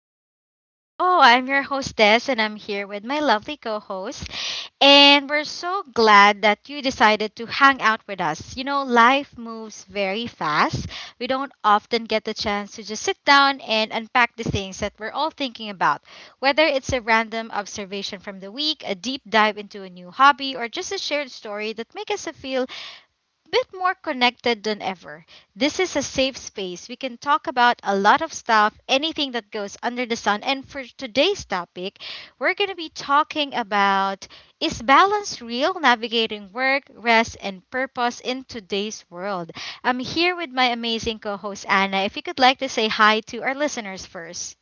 Welcome to the show. I'm your hostess, and I'm here with my lovely co host. And we're so glad that you decided to hang out with us. You know, life moves very fast. We don't often get the chance to just sit down and unpack the things that we're all thinking about, whether it's a random observation from the week, a deep dive into a new hobby, or just a shared story that makes us feel bit more connected than ever. This is a safe space. We can talk about a lot of stuff, anything that goes under the sun. And for today's topic, we're going to be talking about is balance real navigating work, rest, and purpose in today's world? I'm here with my amazing co host, Anna. If you could like to say hi to our listeners first.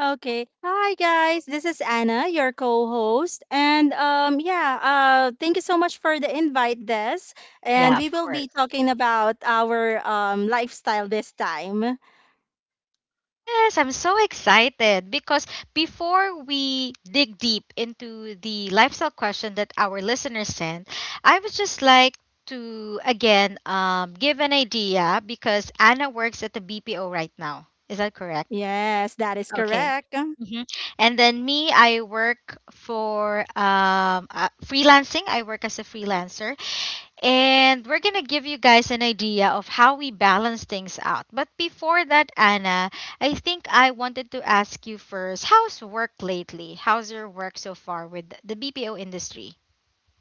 Okay. Hi guys. This is Anna, your co-host. And yeah, thank you so much for the invite, Des. And Yeah, we of will be course. talking about our lifestyle this time. Yes, I'm so excited because before we dig deep into the lifestyle question that our listeners sent, I would just like to again give an idea because Anna works at the BPO right now. Is that correct? Yes, that is Okay. correct. Hmm. And then me, I work for freelancing. I work as a freelancer. And we're going to give you guys an idea of how we balance things out. But before that, Anna, I think I wanted to ask you first how's work lately? How's your work so far with the BPO industry?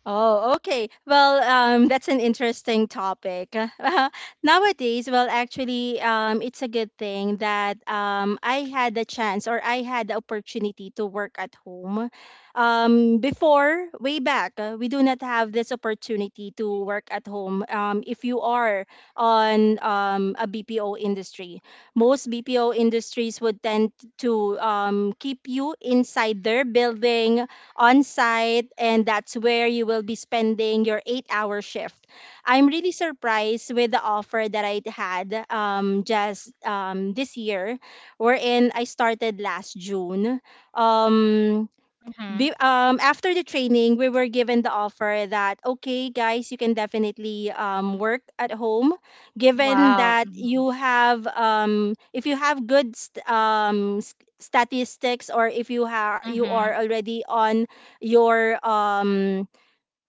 Oh, okay. Well, that's an interesting topic. Nowadays, well, actually, it's a good thing that I had the opportunity to work at home. Before, way back, we do not have this opportunity to work at home if you are on a BPO industry. Most BPO industries would tend to keep you inside their building on site, and that's where you will be spending your 8 hour shift. I'm really surprised with the offer that I had, just this year, wherein I started last June. Um, Mm-hmm. After the training, we were given the offer that, okay, guys, you can definitely work at home, given Wow. that Mm-hmm. you have, if you have good statistics, or if you, you are Mm-hmm. already on your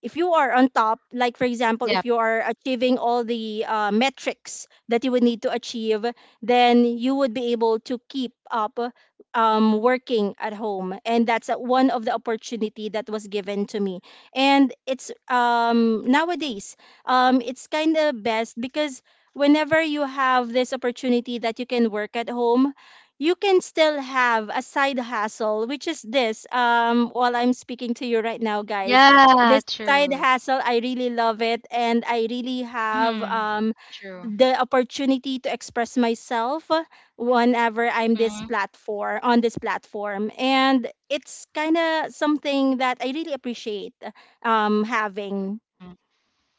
if you are on top, like for example, if Yep. you are achieving all the metrics that you would need to achieve, then you would be able to keep up working at home, and that's one of the opportunity that was given to me. And it's nowadays, it's kind of best because whenever you have this opportunity that you can work at home. You can still have a side hustle, which is this. While I'm speaking to you right now, guys, Yeah, this side true. hustle. I really love it, and I really have Mm-hmm. True. the opportunity to express myself whenever I'm this Mm-hmm. platform on this platform, and it's kind of something that I really appreciate having.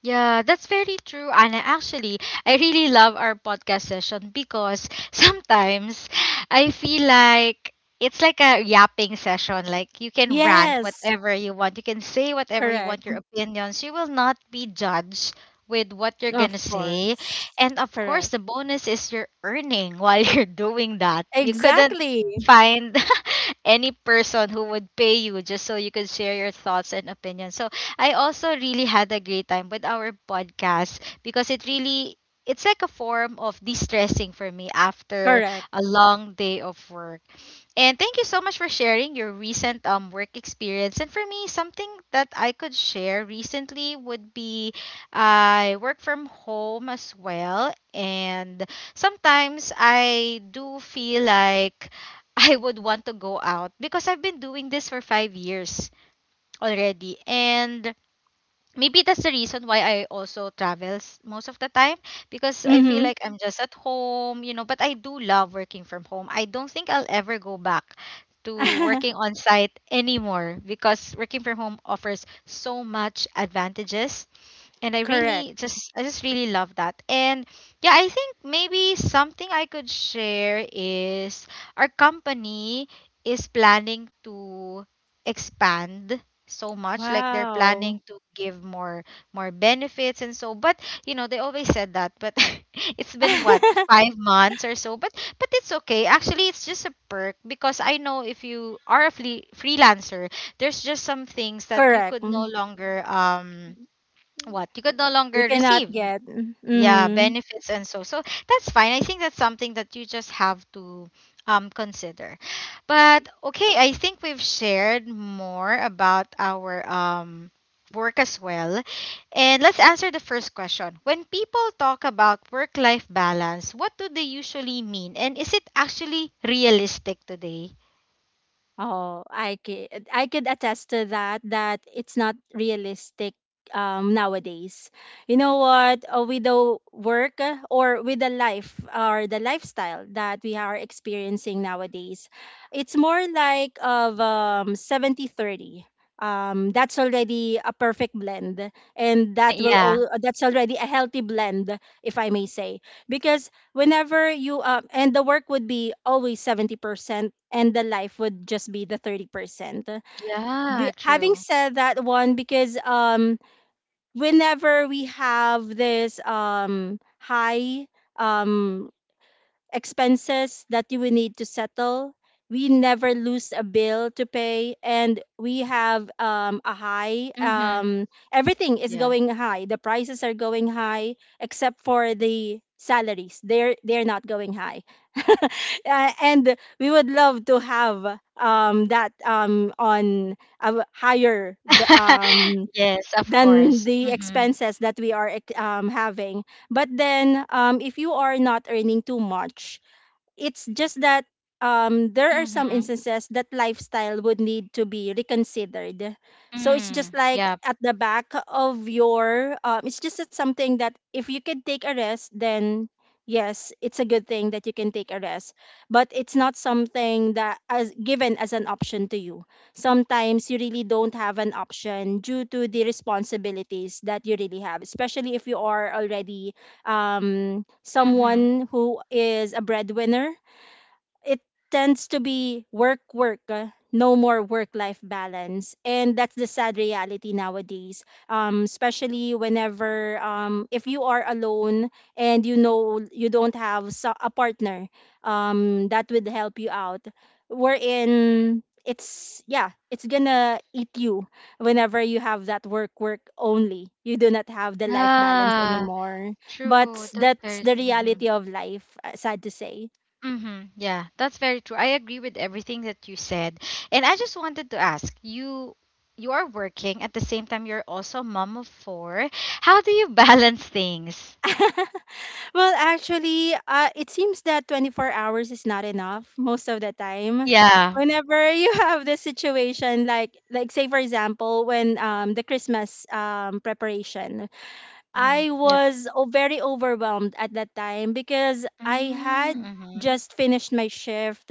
Yeah, that's very true, Anna. Actually, I really love our podcast session because sometimes I feel like it's like a yapping session. Like you can rant Yes, whatever you want, you can say whatever you correct. want, your opinions. You will not be judged with what you're gonna Of say. course, And of course, correct. the bonus is you're earning while you're doing that. You couldn't Exactly, find any person who would pay you just so you could share your thoughts and opinions. So I also really had a great time with our podcast because it really it's like a form of de-stressing for me after correct. a long day of work. And thank you so much for sharing your recent work experience. And for me, something that I could share recently would be I work from home as well, and sometimes I do feel like I would want to go out because I've been doing this for 5 years already. And maybe that's the reason why I also travels most of the time because I feel Mm-hmm. like I'm just at home, you know, but I do love working from home. I don't think I'll ever go back to working on site anymore because working from home offers so much advantages, and i Correct. really just i just really love that. And yeah, I think maybe something I could share is our company is planning to expand so much. Like they're Wow. planning to give more benefits and so, but you know they always said that, but it's been what, 5 months or so, but it's okay. Actually, it's just a perk because I know if you are a freelancer, there's just some things that you Correct. could no You longer what you could no longer cannot receive, get. yeah, Mm-hmm. benefits and so. So that's fine. I think that's something that you just have to consider. But okay, I think we've shared more about our work as well. And let's answer the first question: when people talk about work life balance, what do they usually mean, and is it actually realistic today? Oh, I could attest to that, that it's not realistic nowadays. You know what? With the work, or with the life or the lifestyle that we are experiencing nowadays, it's more like of 70-30. That's already a perfect blend, and that will Yeah, all that's already a healthy blend, if I may say, because whenever you and the work would be always 70% and the life would just be the 30%, yeah, having true. said that one because whenever we have this high um expenses that you will need to settle. We never lose a bill to pay, and we have, a high. Mm-hmm. Everything is Yeah. going high. The prices are going high, except for the salaries. They're not going high. And we would love to have that on a higher Yes, of than course. the Mhm. expenses that we are having. But then, if you are not earning too much, it's just that there are some Mm-hmm. instances that lifestyle would need to be reconsidered. So it's just Mm. like Yep. at the back of your, it's just that something that if you can take a rest, then yes, it's a good thing that you can take a rest. But it's not something that as given as an option to you. Sometimes you really don't have an option due to the responsibilities that you really have, especially if you are already Mm-hmm. someone who is a breadwinner. It tends to be work, work, no more work life balance. And that's the sad reality nowadays. Especially whenever, if you are alone and you know you don't have a partner that would help you out, wherein it's, yeah, it's gonna eat you whenever you have that work, work only. You do not have the life balance Yeah. anymore. But True. That's that's very the true. Mm-hmm. reality of life, sad to say. Mm-hmm. Yeah, that's very true. I agree with everything that you said. And I just wanted to ask, you are working at the same time you're also a mom of four. How do you balance things? Well, actually, it seems that 24 hours is not enough most of the time. Yeah. Whenever you have this situation, like say for example, when the Christmas preparation, Mm-hmm. I Yep. was very overwhelmed at that time because I had Mm-hmm. just finished my shift.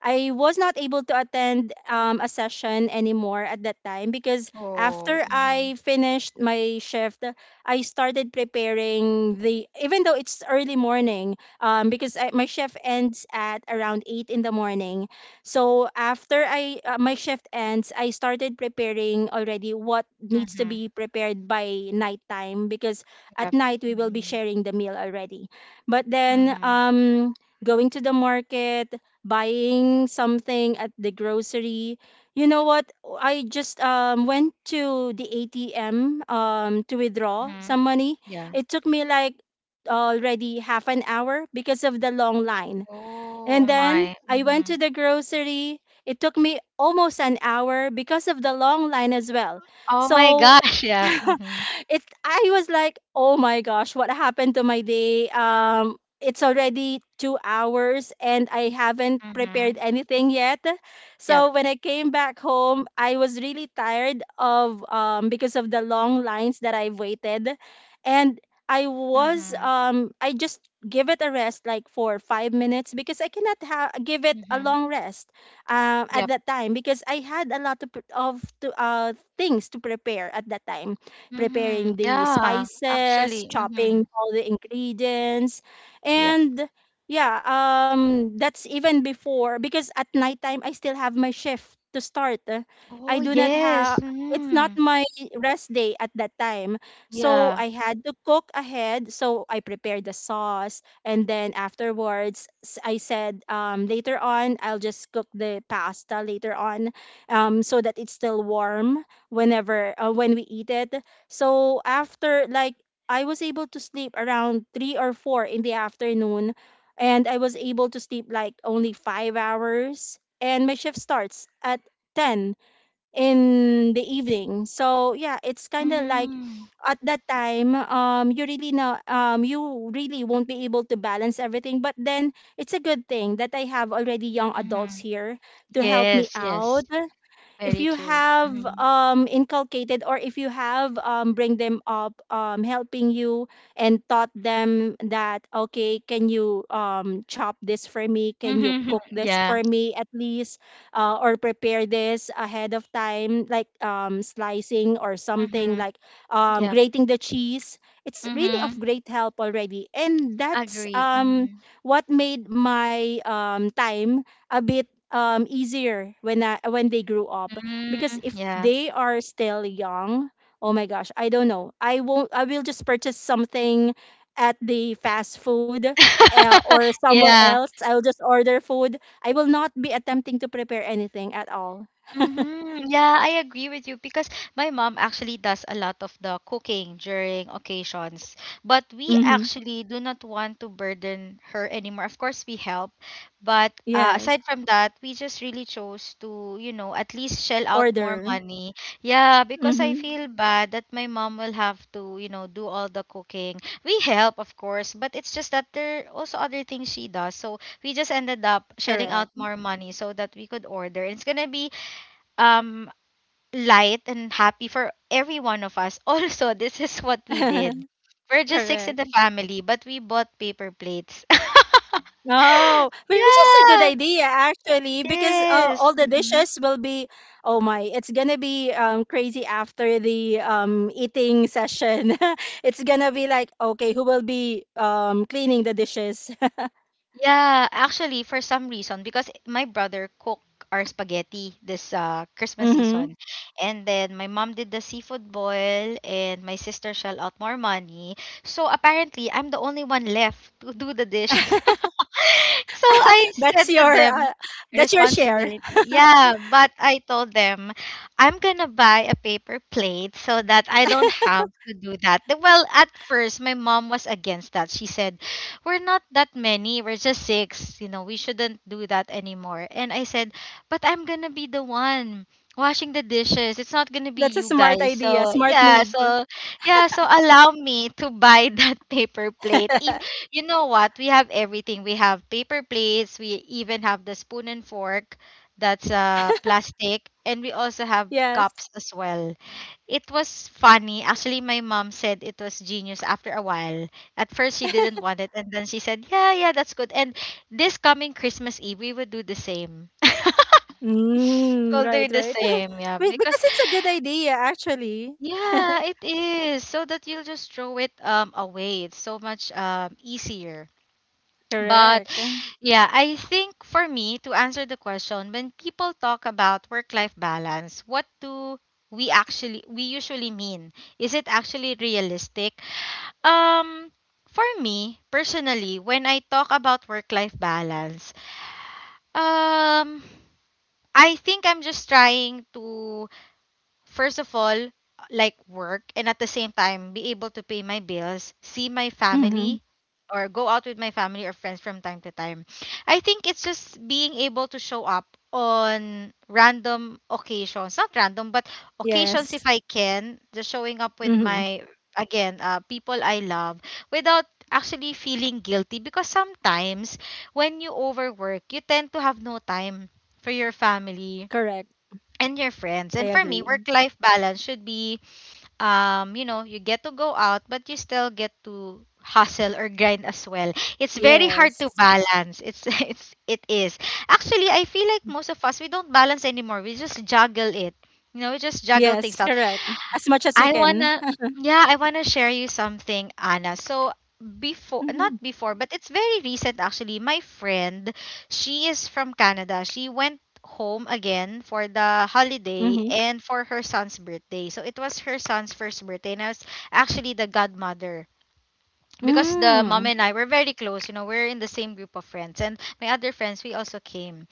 I was not able to attend a session anymore at that time because Oh. after Mm-hmm. I finished my shift, I started preparing the, even though it's early morning, my shift ends at around 8 in the morning. So after I my shift ends, I started preparing already what needs to Mm-hmm. be prepared by nighttime because at Yep. night we will be Mm-hmm. sharing the meal already. But then Mm-hmm. Going to the market, buying something at the grocery. You know what? I just went to the ATM to withdraw Mm-hmm. some money. Yeah. It took me like already half an hour because of the long line, Oh and then my. I went Mm-hmm. to the grocery. It took me almost an hour because of the long line as well. Oh my So gosh, yeah. Mhm, it I was like, "Oh my gosh, what happened to my day?" It's already 2 hours and I haven't prepared mhm. anything yet. Yep. So when I came back home, I was really tired of because of the long lines that I've waited, and Mhm, I just give it a rest like for 5 minutes because I cannot give it a mhm. long rest at Yep. that time because I had a lot of, things to prepare at that time, preparing Mhm. the Yeah, spices, actually, chopping mhm. all the ingredients, Yep. and yeah, that's even before because at nighttime I still have my shift to start. I Oh, do not have, yes. it's not Mhm. my rest day at that time. So Yeah. I had to cook ahead. So I prepared the sauce. And then afterwards, I said, later on, I'll just cook the pasta later on so that it's still warm when we eat it. So after like I was able to sleep around three or four in the afternoon, and I was able to sleep like only 5 hours. And my shift starts at 10 in the evening. So yeah, it's kind of like Mm. at that time, you really know, you really won't be able to balance everything. But then it's a good thing that I have already young adults Mhm. here to help me Yes, yes. out. If Very you true. have Mhm. Inculcated, or if you have bring them up helping you, and taught them that okay, can you chop this for me, can you Mhm. cook this Yeah. for me, at least or prepare this ahead of time like slicing or something Mhm. like Yep. grating the cheese, it's really of Mhm. great help already. And that's Agree. Mhm. what made my time a bit easier when when they grew up. Mm, Because if yeah. they are still young, oh my gosh, I don't know, I won't I will just purchase something at the fast food, or somewhere Yeah. else, I'll just order food. I will not be attempting to prepare anything at all. Mhm. Yeah, I agree with you because my mom actually does a lot of the cooking during occasions. But we Mm-hmm. actually do not want to burden her anymore. Of course, we help, but Yes. aside from that, we just really chose to, you know, at least shell out more Order. money. Yeah, because I Mm-hmm. feel bad that my mom will have to, you know, do all the cooking. We help, of course, but it's just that there are also other things she does. So we just ended up shelling Correct. out more money so that we could order. And it's gonna be um light and happy for every one of us. Also, this is what we did. We're just six in the Correct. family, but we bought paper plates. Oh, which is a good Yeah. idea actually, because all Yes. the Mhm. dishes will be, oh my, it's gonna be crazy after the eating session. It's gonna be like, okay, who will be cleaning the dishes? Yeah, actually, for some reason, because my brother cooked our spaghetti this Christmas Mm-hmm. season. And then my mom did the seafood boil, and my sister shell out more money. So apparently, I'm the only one left to do the dish. So I That's said to your them, share. responsibility. Yeah, but I told them, I'm gonna buy a paper plate so that I don't have to do that. Well, at first, my mom was against that. She said, we're not that many. We're just six. You know, we shouldn't do that anymore. And I said, but I'm gonna be the one washing the dishes. It's not gonna That's be a you smart guys. idea, So smart yeah, move. so yeah, so allow me to buy that paper plate. If you know what, we have everything. We have paper plates. We even have the spoon and fork that's plastic, and we also have Yes. cups as well. It was funny. Actually, my mom said it was genius after a while. At first she didn't want it, and then she said, "Yeah, yeah, that's good." And this coming Christmas Eve, we would do the same. Mm, We'll right, do the right. same, yeah, because Because it's a good idea actually. yeah, it is so that you'll just throw it away. It's so much easier. But Correct. yeah, I think for me to answer the question, when people talk about work-life balance, what do we usually mean? Is it actually realistic? Um, for me, personally, when I talk about work life balance, um, I think I'm just trying to first of all, like work, and at the same time, be able to pay my bills, see my Mm-hmm. family, or go out with my family or friends from time to time. I think it's just being able to show up on random occasions, not random, but Yes. occasions if I can, just showing up with Mm-hmm. my, again, people I love without actually feeling guilty because sometimes when you overwork, you tend to have no time for your family Correct. and your I friends. And for me, agree. work life balance should be you know, you get to go out, but you still get to hustle or grind as well. It's very hard to Yes. balance. It's it is. Actually, I feel like most of us, we don't balance anymore. We just juggle it. You know, we just juggle Yes, things out. correct. As much as we I can. wanna, yeah, I wanna share you something, Anna. So before, Mm-hmm. not before, but it's very recent actually. My friend, she is from Canada. She went home again for the Mm-hmm. holiday and for her son's birthday. So it was her son's first birthday, and I was actually the godmother. Because the mom Mm. and I were very close, you know, we're in the same group of friends. And my other friends, we also came.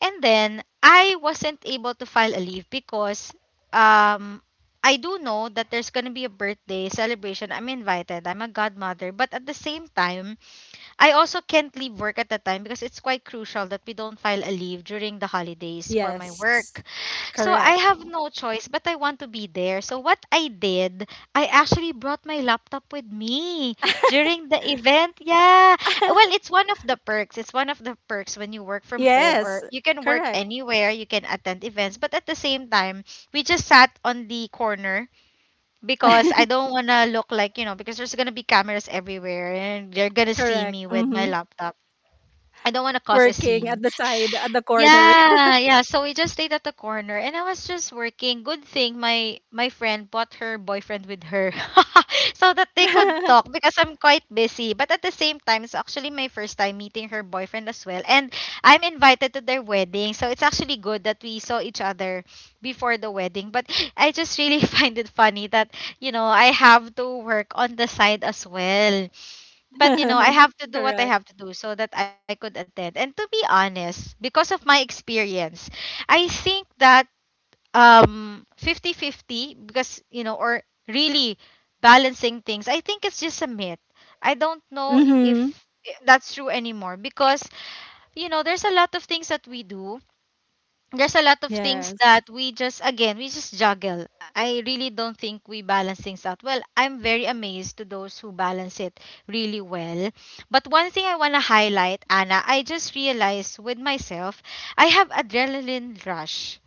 And then I wasn't able to file a leave because um I do know that there's going to be a birthday celebration. I'm invited. I'm a godmother, but at the same time, I also can't leave work at the time because it's quite crucial that we don't file a leave during the holidays for my Yes. work. So Correct. I have no choice, but I want to be there. So what I did, I actually brought my laptop with me during the event. Yeah. Well, it's one of the perks. It's one of the perks when you work from home Yes. or you can work Correct. anywhere, you can attend events, but at the same time, we just sat on the corner because I don't want to look like, you know, because there's going to be cameras everywhere and they're going to see Correct. me with my Mm-hmm. laptop. I don't want to cause Working a at the scene. side, at the corner. Yeah, yeah. So we just stayed at the corner and I was just working. Good thing my friend brought her boyfriend with her so that they could talk because I'm quite busy. But at the same time, it's actually my first time meeting her boyfriend as well. And I'm invited to their wedding. So it's actually good that we saw each other before the wedding. But I just really find it funny that, I have to work on the side as well, but you know I have to do what I correct. have to do so that I could attend. And to be honest, because of my experience, I think that 50-50, because or really balancing things, I think it's just a myth. I don't know Mm-hmm. if that's true anymore, because you know there's a lot of things that we do. There's a lot of things Yes. that we just, again, we just juggle. I really don't think we balance things out well. I'm very amazed to those who balance it really well. But one thing I want to highlight, Anna, I just realized with myself I have adrenaline rush.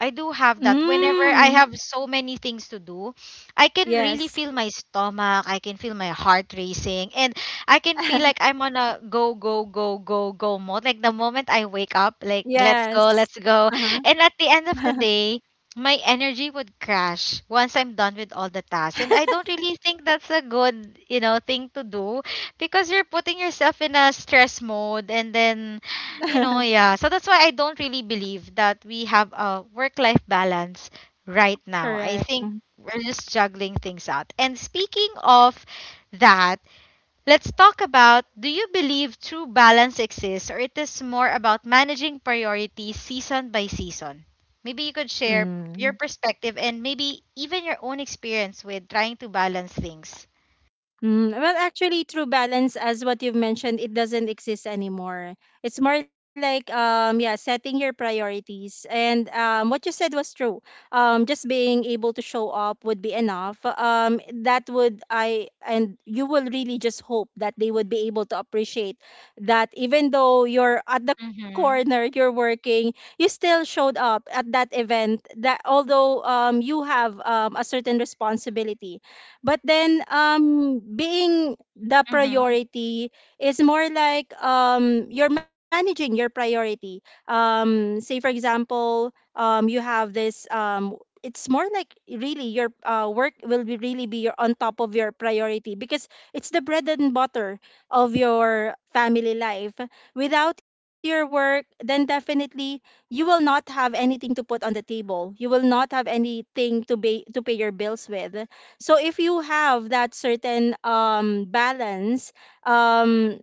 I do have that. Whenever I Mm. have so many things to do, I can really Yes. feel my stomach. I can feel my heart racing. And I can feel like I'm on a go, go, go, go, go mode. Like the moment I wake up, like, let's Yes. go, let's go. Uh-huh. And at the end of the day, my energy would crash once I'm done with all the tasks. And I don't really think that's a good, thing to do, because you're putting yourself in a stress mode and then yeah. So that's why I don't really believe that we have a work life balance right now. Correct. I Mm-hmm. think we're just juggling things out. And speaking of that, let's talk about, do you believe true balance exists, or it is more about managing priorities season by season? Maybe you could share Mm. your perspective and maybe even your own experience with trying to balance things. Mm. Well, actually, true balance, as what you've mentioned, it doesn't exist anymore. It's more like yeah, setting your priorities. And what you said was true. Just being able to show up would be enough. That would I and you will really just hope that they would be able to appreciate that even though you're at the corner, Mhm. you're working, you still showed up at that event, that although you have a certain responsibility. But then being the Mhm. priority is more like you're managing your priority. Say for example, you have this it's more like really your, work will be really be your, on top of your priority because it's the bread and butter of your family life. Without your work, then definitely you will not have anything to put on the table. You will not have anything to pay your bills with. So if you have that certain balance, um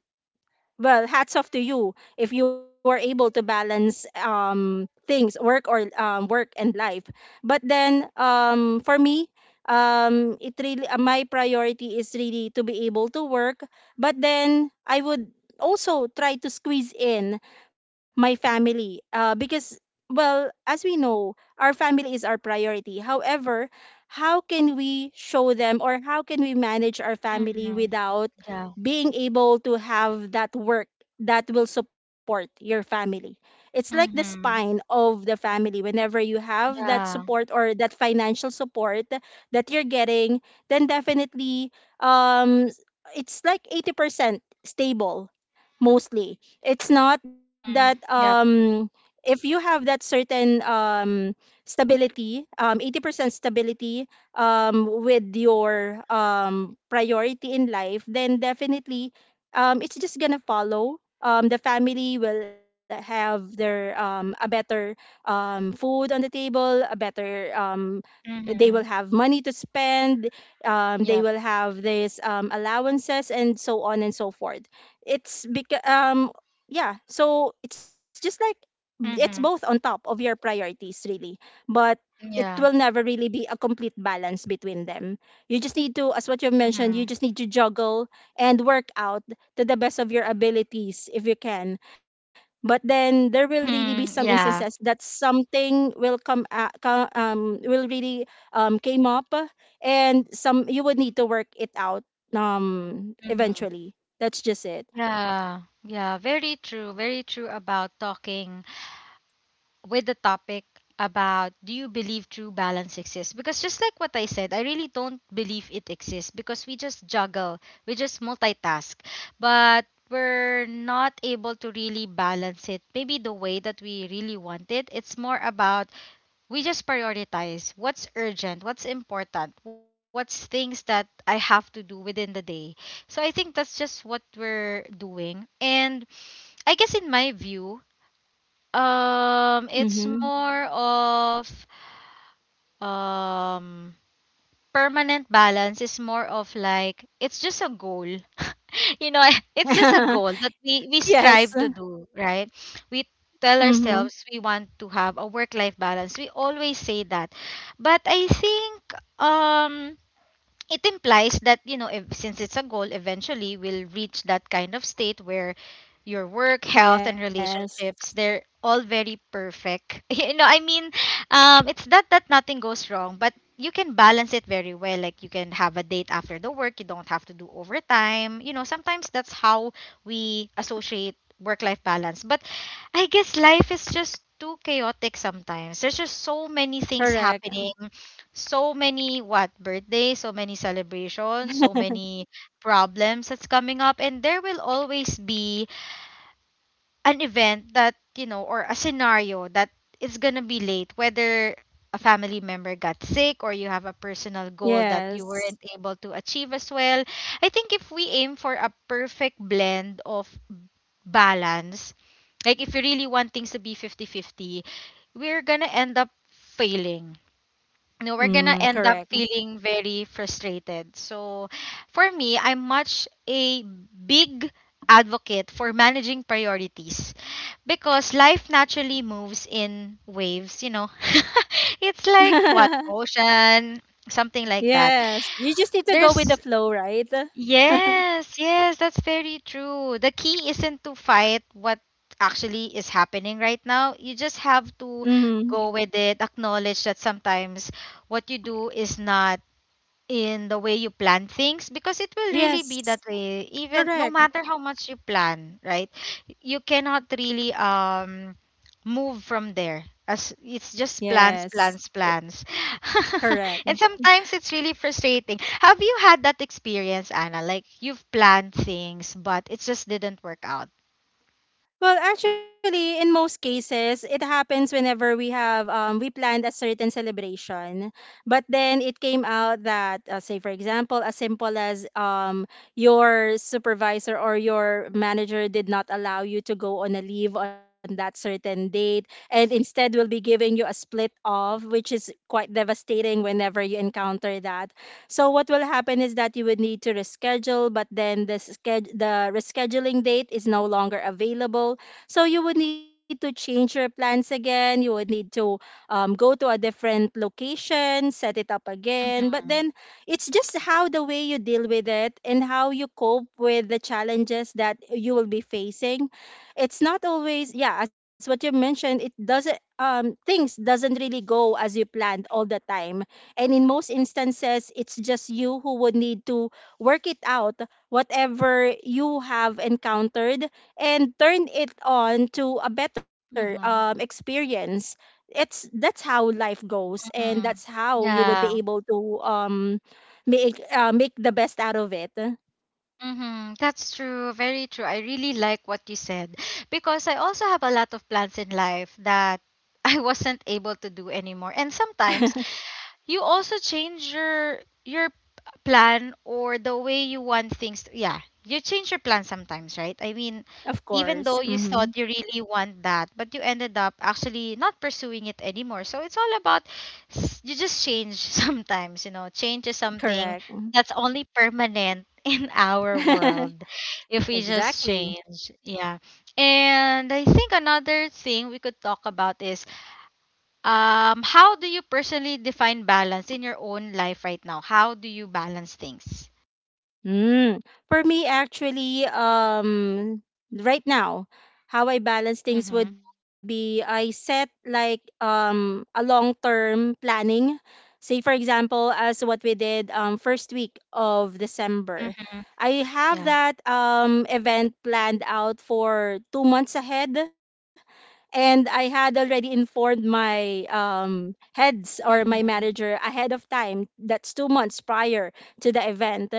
well, hats off to you if you are able to balance things, work, or work and life. But then for me, it really my priority is really to be able to work, but then I would also try to squeeze in my family, because, well, as we know, our family is our priority. However, how can we show them or how can we manage our family Mhm. without Yeah. being able to have that work that will support your family? It's like the spine Mhm. of the family. Whenever you have that Yeah. support or that financial support that you're getting, then definitely, um it's like 80% stable mostly. It's not that Mhm. Yep. If you have that certain stability, 80% stability with your priority in life, then definitely, it's just gonna follow. The family will have their a better, food on the table, a better, they will Mhm. have money to spend, they Yep. will have these allowances and so on and so forth. It's because, yeah, so it's just like it's both on Mhm. top of your priorities really, but it will Yeah. never really be a complete balance between them. You just need to, as what you mentioned, you Mhm. just need to juggle and work out to the best of your abilities if you can. But then there will really be Mhm. some Yeah. instances that something will come, will really, came up, and some you would need to work it out Mhm. eventually. That's just it. Yeah. Yeah. Very true. Very true. About talking with the topic about, do you believe true balance exists? Because just like what I said, I really don't believe it exists because we just juggle, we just multitask, but we're not able to really balance it. Maybe the way that we really want it. It's more about we just prioritize what's urgent, what's important, what's things that I have to do within the day. So I think that's just what we're doing. And I guess in my view, Mm-hmm. it's more of um permanent balance is more of like it's just a goal you know it's just a goal that we Yes. strive to do, right? We tell Mm-hmm. ourselves we want to have a work life balance, we always say that. But I think um it implies that you know if, since it's a goal, eventually we'll reach that kind of state where your work, health and Yes. relationships, they're all very perfect. You know, I mean, it's not that nothing goes wrong, but you can balance it very well. Like you can have a date after the work, you don't have to do overtime, you know. Sometimes that's how we associate work life balance. But I guess life is just too chaotic sometimes, there's just so many things Correct. happening, so many, what, birthdays, so many celebrations, so many problems that's coming up, and there will always be an event that you know, or a scenario that it's gonna be late, whether a family member got sick or you have a personal goal that you Yes. weren't able to achieve as well. I think if we aim for a perfect blend of balance, like if you really want things to be 50-50, we're gonna end up failing. No, we're Mm, gonna end up correct. feeling very frustrated. So, for me, I'm much a big advocate for managing priorities because life naturally moves in waves, you know. It's like, what, ocean, something like that. Yes. You just need to go with the There's flow, right? Yes, yes, that's very true. The key isn't to fight what actually is happening right now. You just have to Mm. go with it, acknowledge that sometimes what you do is not in the way you plan things, because it will really be that Yes. way even no Correct. matter how much you plan, right? You cannot really move from there, as it's just plans, Yes. plans, I- plans. Correct. And sometimes it's really frustrating. Have you had that experience, Anna, like you've planned things but it just didn't work out? Well, actually, in most cases, it happens whenever we have, we planned a certain celebration, but then it came out that, say, for example, as simple as, your supervisor or your manager did not allow you to go on a leave on that certain date, and instead will be giving you a split off, which is quite devastating whenever you encounter that. So what will happen is that you would need to reschedule, but then the rescheduling date is no longer available. So you would need to change your plans again. You would need to, go to a different location, set it up again. But Mm-hmm. then it's just how the way you deal with it and how you cope with the challenges that you will be facing. It's not always, yeah, as what you mentioned, it doesn't, things doesn't really go as you planned all the time, and in most instances, it's just you who would need to work it out, whatever you have encountered, and turn it on to a better, Mm-hmm. experience. It's that's how life goes, and that's Mm-hmm. how you would be Yeah. able to, make make the best out of it. Mm-hmm. That's true. Very true. I really like what you said because I also have a lot of plans in life that I wasn't able to do anymore. And sometimes you also change your plan or the way you want things to, yeah, you change your plan sometimes, right? I mean, Of even though course, you hmm, thought you really want that, but you ended up actually not pursuing it anymore. So it's all about you just change. Sometimes, you know, change is something correct. that's only permanent in our world, if we just Exactly. change, yeah. And I think another thing we could talk about is how do you personally define balance in your own life right now? How do you balance things? Mm. For me, actually, right now, how I balance Mm-hmm. things would be I set like a long term planning. Say for example, as what we did, first week of December, Mm-hmm. I have Yeah. that event planned out for 2 months ahead, and I had already informed my, heads or my Mm-hmm. manager ahead of time. That's 2 months prior to the event.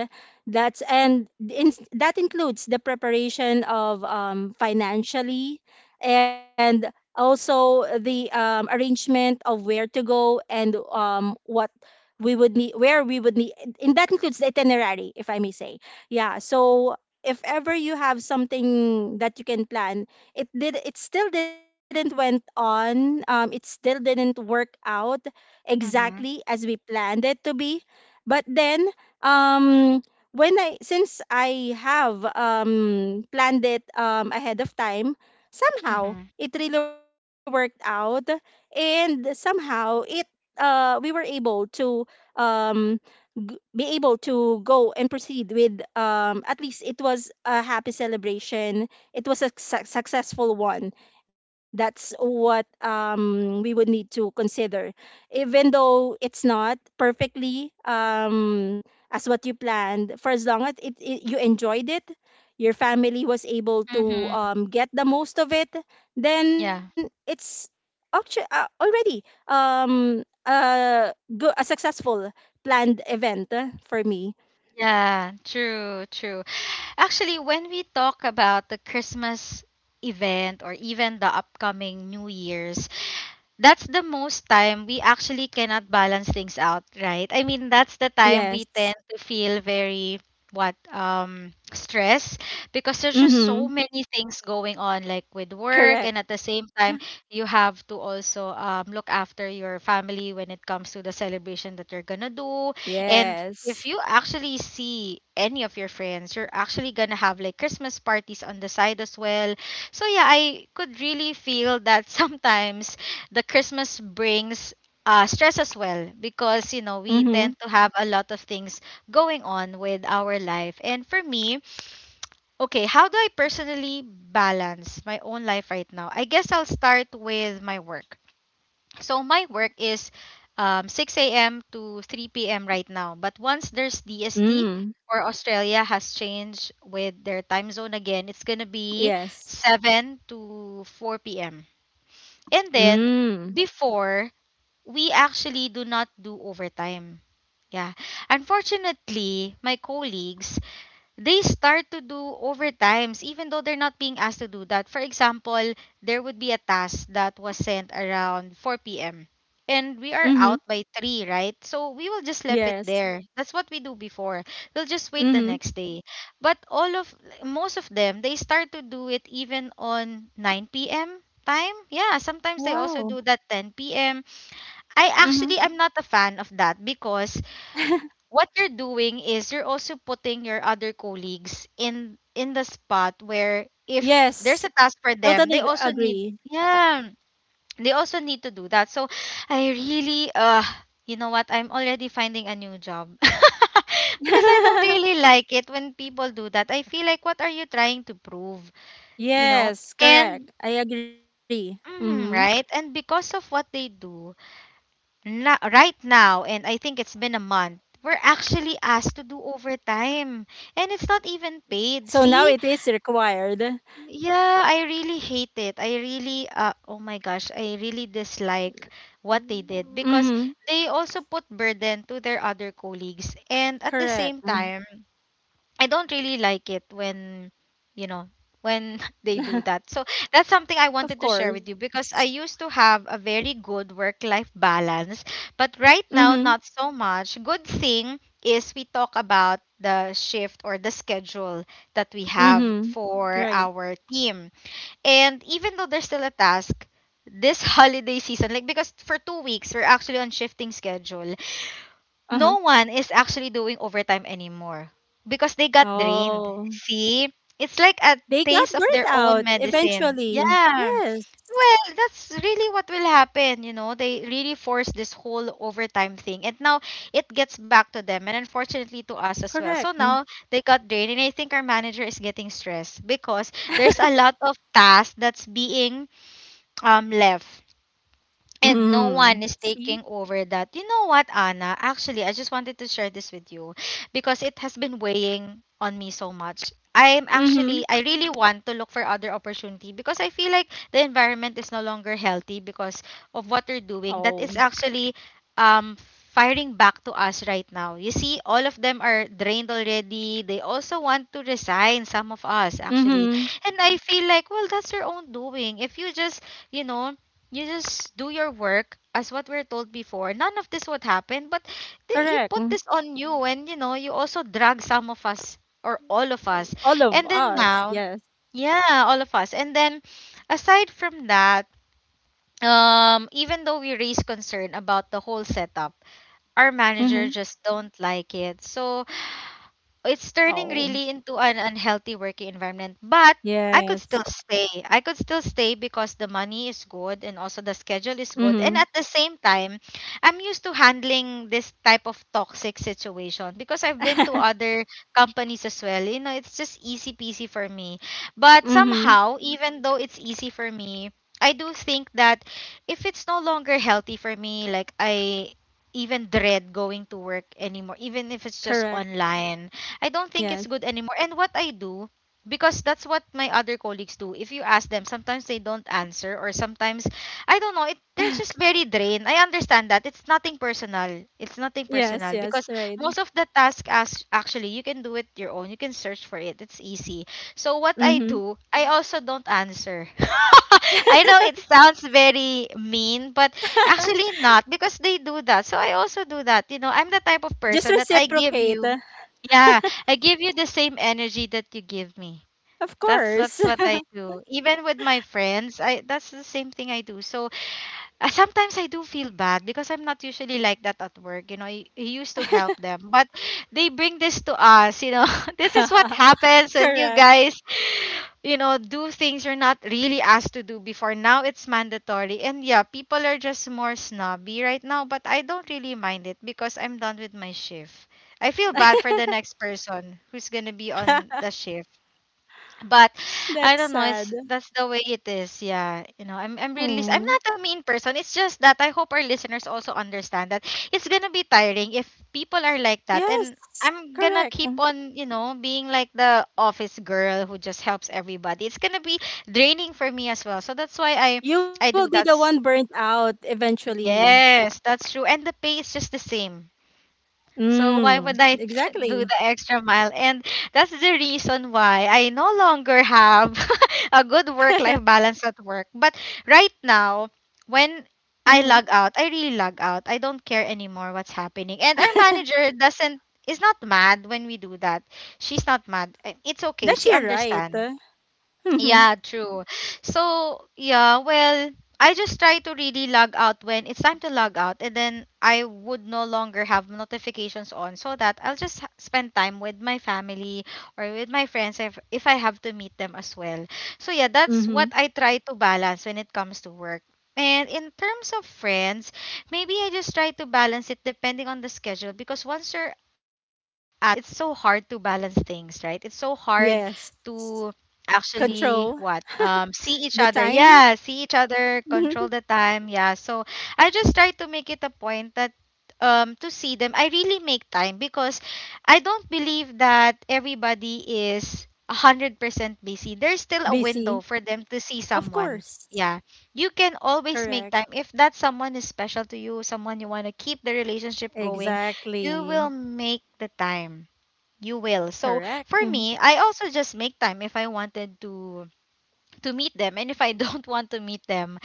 That's and in, that includes the preparation of, financially, and also the, arrangement of where to go and, what we would need, and that includes the itinerary, if I may say. Yeah, so if ever you have something that you can plan, it did it still didn't went on, it still didn't work out exactly Mm-hmm. as we planned it to be. But then, um when I since I have planned it ahead of time, somehow Mm-hmm. it really worked out, and somehow it, we were able to, um be able to go and proceed with, at least it was a happy celebration. It was a successful one. That's what, we would need to consider. Even though it's not perfectly, as what you planned, for as long as you enjoyed it, your family was able to, Mm-hmm. Get the most of it, then Yeah. it's already, um, a, a successful planned event, for me. Yeah. True. True. Actually, when we talk about the Christmas event or even the upcoming New Year's, that's the most time we actually cannot balance things out, right? I mean, that's the time we Yes. tend to feel very, what, stress, because there's just so Mm-hmm. many things going on, like with work, and Correct. at the same time you have to also look after your family when it comes to the celebration that you're gonna do. And Yes. if you actually see any of your friends, you're actually gonna have like Christmas parties on the side as well. So yeah, I could really feel that. Sometimes the Christmas brings stress as well, because you know we Mm-hmm. tend to have a lot of things going on with our life. And for me, okay, how do I personally balance my own life right now? I guess I'll start with my work. So my work is 6 a.m. to 3 p.m. right now. But once there's DST, Mm. or Australia has changed with their time zone again, it's gonna be Yes. 7 to 4 p.m. And then Mm. before, we actually do not do overtime. Yeah. Unfortunately, my colleagues, they start to do overtimes even though they're not being asked to do that. For example, there would be a task that was sent around 4 p.m. and we are Mhm. out by 3, right? So we will just left it Yes. there. That's what we do before. We'll just wait the Mhm. next day. But all of most of them, they start to do it even on 9 p.m. time. Yeah, sometimes they Wow. also do that 10 p.m. I Mhm. actually am not a fan of that because what you're doing is you're also putting your other colleagues in the spot where if there's Yes. a task for them, they Totally also need, agree. yeah, they also need to do that. So I really you know what? I'm already finding a new job. Because I don't really like it when people do that. I feel like what are you trying to prove, you know? Yes, And correct. I agree. Mhm. mhm, right? And because of what they do, na, right now, and I think it's been a month, we're actually asked to do overtime. And it's not even paid. So now See? it is required. Yeah, I really hate it. I really, oh my gosh, I really dislike what they did Mhm. because they also put burden to their other colleagues. And at the Correct. same Mhm. time, I don't really like it when, you know, when they do that. So that's something I Of wanted to share with you course. because I used to have a very good work life balance, but right now, Mhm. not so much. Good thing is we talk about the shift or the schedule that we have Mhm. for Right. our team. And even though there's still a task, this holiday season, like because for 2 weeks, we're actually on shifting schedule, Uh-huh. no one is actually doing overtime anymore because they got drained. Oh. See, it's like a They got taste of burnt their own out medicine. eventually. Yeah. Yes. Well, that's really what will happen, you know. They really force this whole overtime thing. And now it gets back to them and unfortunately to us as Correct. well. So Mm. now they got drained and I think our manager is getting stressed because there's a lot of tasks that's being left and no Mhm. one is See? taking over that. You know what, Anna? Actually, I just wanted to share this with you because it has been weighing on me so much. I'm Mhm. actually, I really want to look for other opportunity because I feel like the environment is no longer healthy because of what they're doing. Oh. That is actually um, firing back to us right now. You see, all of them are drained already. They also want to resign, some of us actually. Mhm. And I feel like, well, that's your own doing. If you just, you know, you just do your work as what we're told before none of this would happen, but you Correct. put Mm. this on you, and you also drag some of us or all of us, All of and then us, now, yes. yeah, all of us, and then aside from that, even though we raise concern about the whole setup, our Mhm. manager just don't like it, so it's turning Oh. really into an unhealthy working environment. But I could still Yes. stay. I could still stay because the money is good and also the schedule is Mhm. good. And at the same time, I'm used to handling this type of toxic situation because I've been to Mhm. other companies as well. You know, it's just easy peasy for me. But somehow, even though it's easy for me, I do think that if it's no longer healthy for me, like I even dread going to work anymore, even if it's just Correct. online, I don't think Yes. it's good anymore. And what I do, because that's what my other colleagues do. If you ask them, sometimes they don't answer, or sometimes I don't know. They're just very drained. I understand that it's nothing personal. It's nothing Yes, personal yes, because right. most of the task as actually you can do it your own. You can search for it. It's easy. So what I Mhm. do, I also don't answer. I know it sounds very mean, but actually not because they do that. So I also do that. You know, I'm the type of Just person that I give reciprocate. you yeah, I give you the same energy that you give me. Of That's course. that's what I do. Even with my friends, I that's the same thing I do. So sometimes I do feel bad because I'm not usually like that at work. You know, I used to help them, but they bring this to us. You know, this is what happens, and you Correct. guys, do things you're not really asked to do before. Now it's mandatory, and yeah, people are just more snobby right now. But I don't really mind it because I'm done with my shift. I feel bad for the next person who's gonna be on the shift, but I That's don't know. sad. It's That's the way it is. Yeah, you know, I'm Hmm. I'm not a mean person. It's just that I hope our listeners also understand that it's gonna be tiring if people are like that, and Yes. I'm gonna Correct. keep on being like the office girl who just helps everybody. It's gonna be draining for me as well. So that's why I You will do be the that's one burnt out eventually. yes, that's true, and the pay is just the same, so why would I Mm, do the exactly. extra mile? And that's the reason why I no longer have a good work-life balance at work. But right now, when I Mhm. log out, I really log out. I don't care anymore what's happening. And our manager doesn't is not mad when we do that. She's not mad. It's okay. That's She your right. understands. Yeah, true. So, yeah, well, I just try to really log out when it's time to log out, and then I would no longer have notifications on so that I'll just spend time with my family or with my friends if I have to meet them as well. So, yeah, that's Hmm. what I try to balance when it comes to work. And in terms of friends, maybe I just try to balance it depending on the schedule because once you're out, it's so hard to balance things, right? It's so hard Yes. to actually Control what see each the other, time. yeah, see each Mhm. other, control the time, yeah, so I just try to make it a point that, to see them, I really make time because I don't believe that everybody is 100% busy. There's still a window Busy. for them to see Of someone. course. Yeah, you can Correct. always make time if that someone is special to you, someone you want to keep the relationship going, you Exactly. will make the time. You will. So Correct. for Mhm. me, I also just make time if I wanted to meet them, and if I don't want to meet them,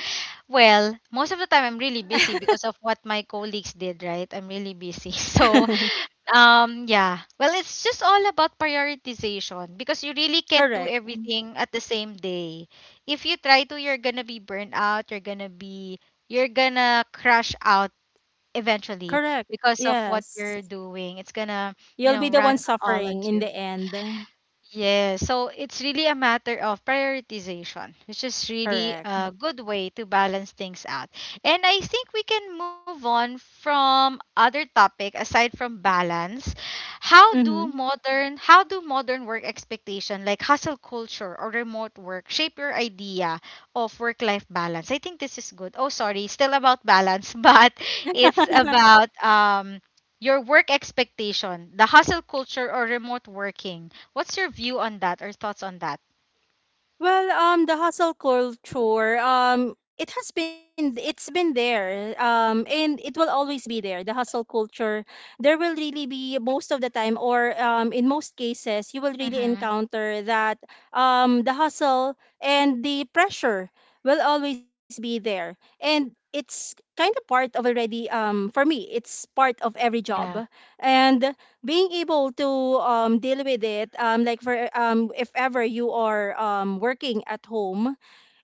well, most of the time I'm really busy because of what my colleagues did, right? I'm really busy. So, yeah. Well, it's just all about prioritization because you really can't do Correct. everything at the same day. If you try to, you're going to be burned out, you're going to crash out eventually Correct. because of what Yes. you're doing. It's going to, You'll be the one run all suffering at in the you. end. Yeah, so it's really a matter of prioritization, which is really Correct. a good way to balance things out. And I think we can move on from other topic aside from balance. How do Hmm. modern how do modern work expectation like hustle culture or remote work shape your idea of work life balance? I think this is good. Oh, sorry, still about balance, but it's about your work expectation, the hustle culture or remote working. What's your view on that or thoughts on that? Well, the hustle culture, it has been, it's been there, and it will always be there. The hustle culture, there will really be most of the time, or, in most cases, you will really Mm-hmm. encounter that, the hustle and the pressure will always be there, and it's kind of part of already, for me, it's part of every Yeah. job, and being able to, deal with it, like for, if ever you are, working at home,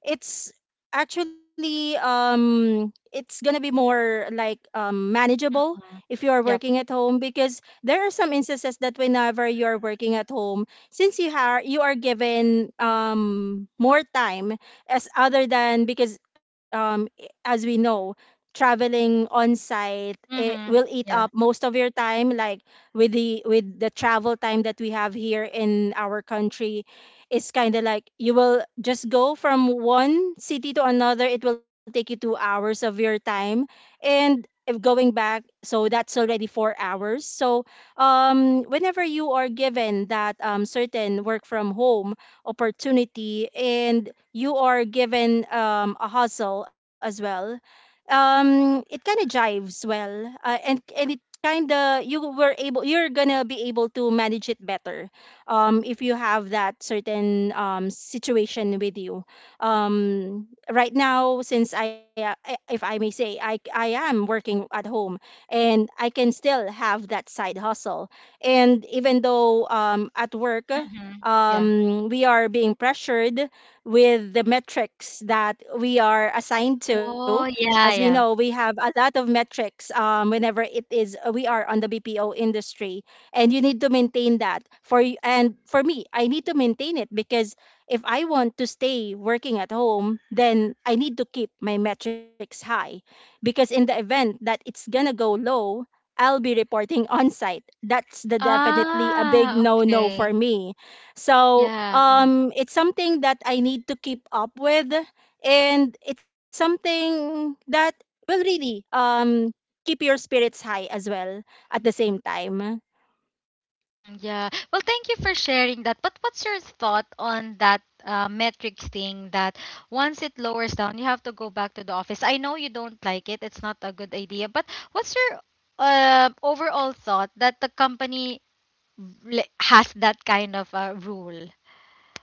it's actually, it's gonna be more like, manageable Mm-hmm. if you are Yep. working at home, because there are some instances that whenever you are working at home, since you are given more time as other than because, as we know, traveling on site, it will Mm-hmm. eat up Yeah. most of your time, like with the travel time that we have here in our country. It's kind of like you will just go from one city to another. It will take you 2 hours of your time, and if going back, so that's already 4 hours. So, whenever you are given that, certain work from home opportunity, and you are given, a hustle as well, it kind of jives well, and it kind of you're gonna be able to manage it better, if you have that certain, situation with you. Right now, since if I may say, I am working at home, and I can still have that side hustle. And even though, at work, Mm-hmm. Yeah. We are being pressured with the metrics that we are assigned to. Oh, As we yeah, know, yeah. we have a lot of metrics, whenever it is, we are on the BPO industry, and you need to maintain that for y- and for me. I need to maintain it because if I want to stay working at home, then I need to keep my metrics high, because in the event that it's gonna go low, I'll be reporting on site. That's the definitely a big Ah, no no for okay. me. So, Yeah. It's something that I need to keep up with, and it's something that will really, keep your spirits high as well at the same time. Mm, yeah. Well, thank you for sharing that. But what's your thought on that metric thing that once it lowers down, you have to go back to the office? I know you don't like it. It's not a good idea. But what's your overall thought that the company, like, has that kind of a rule.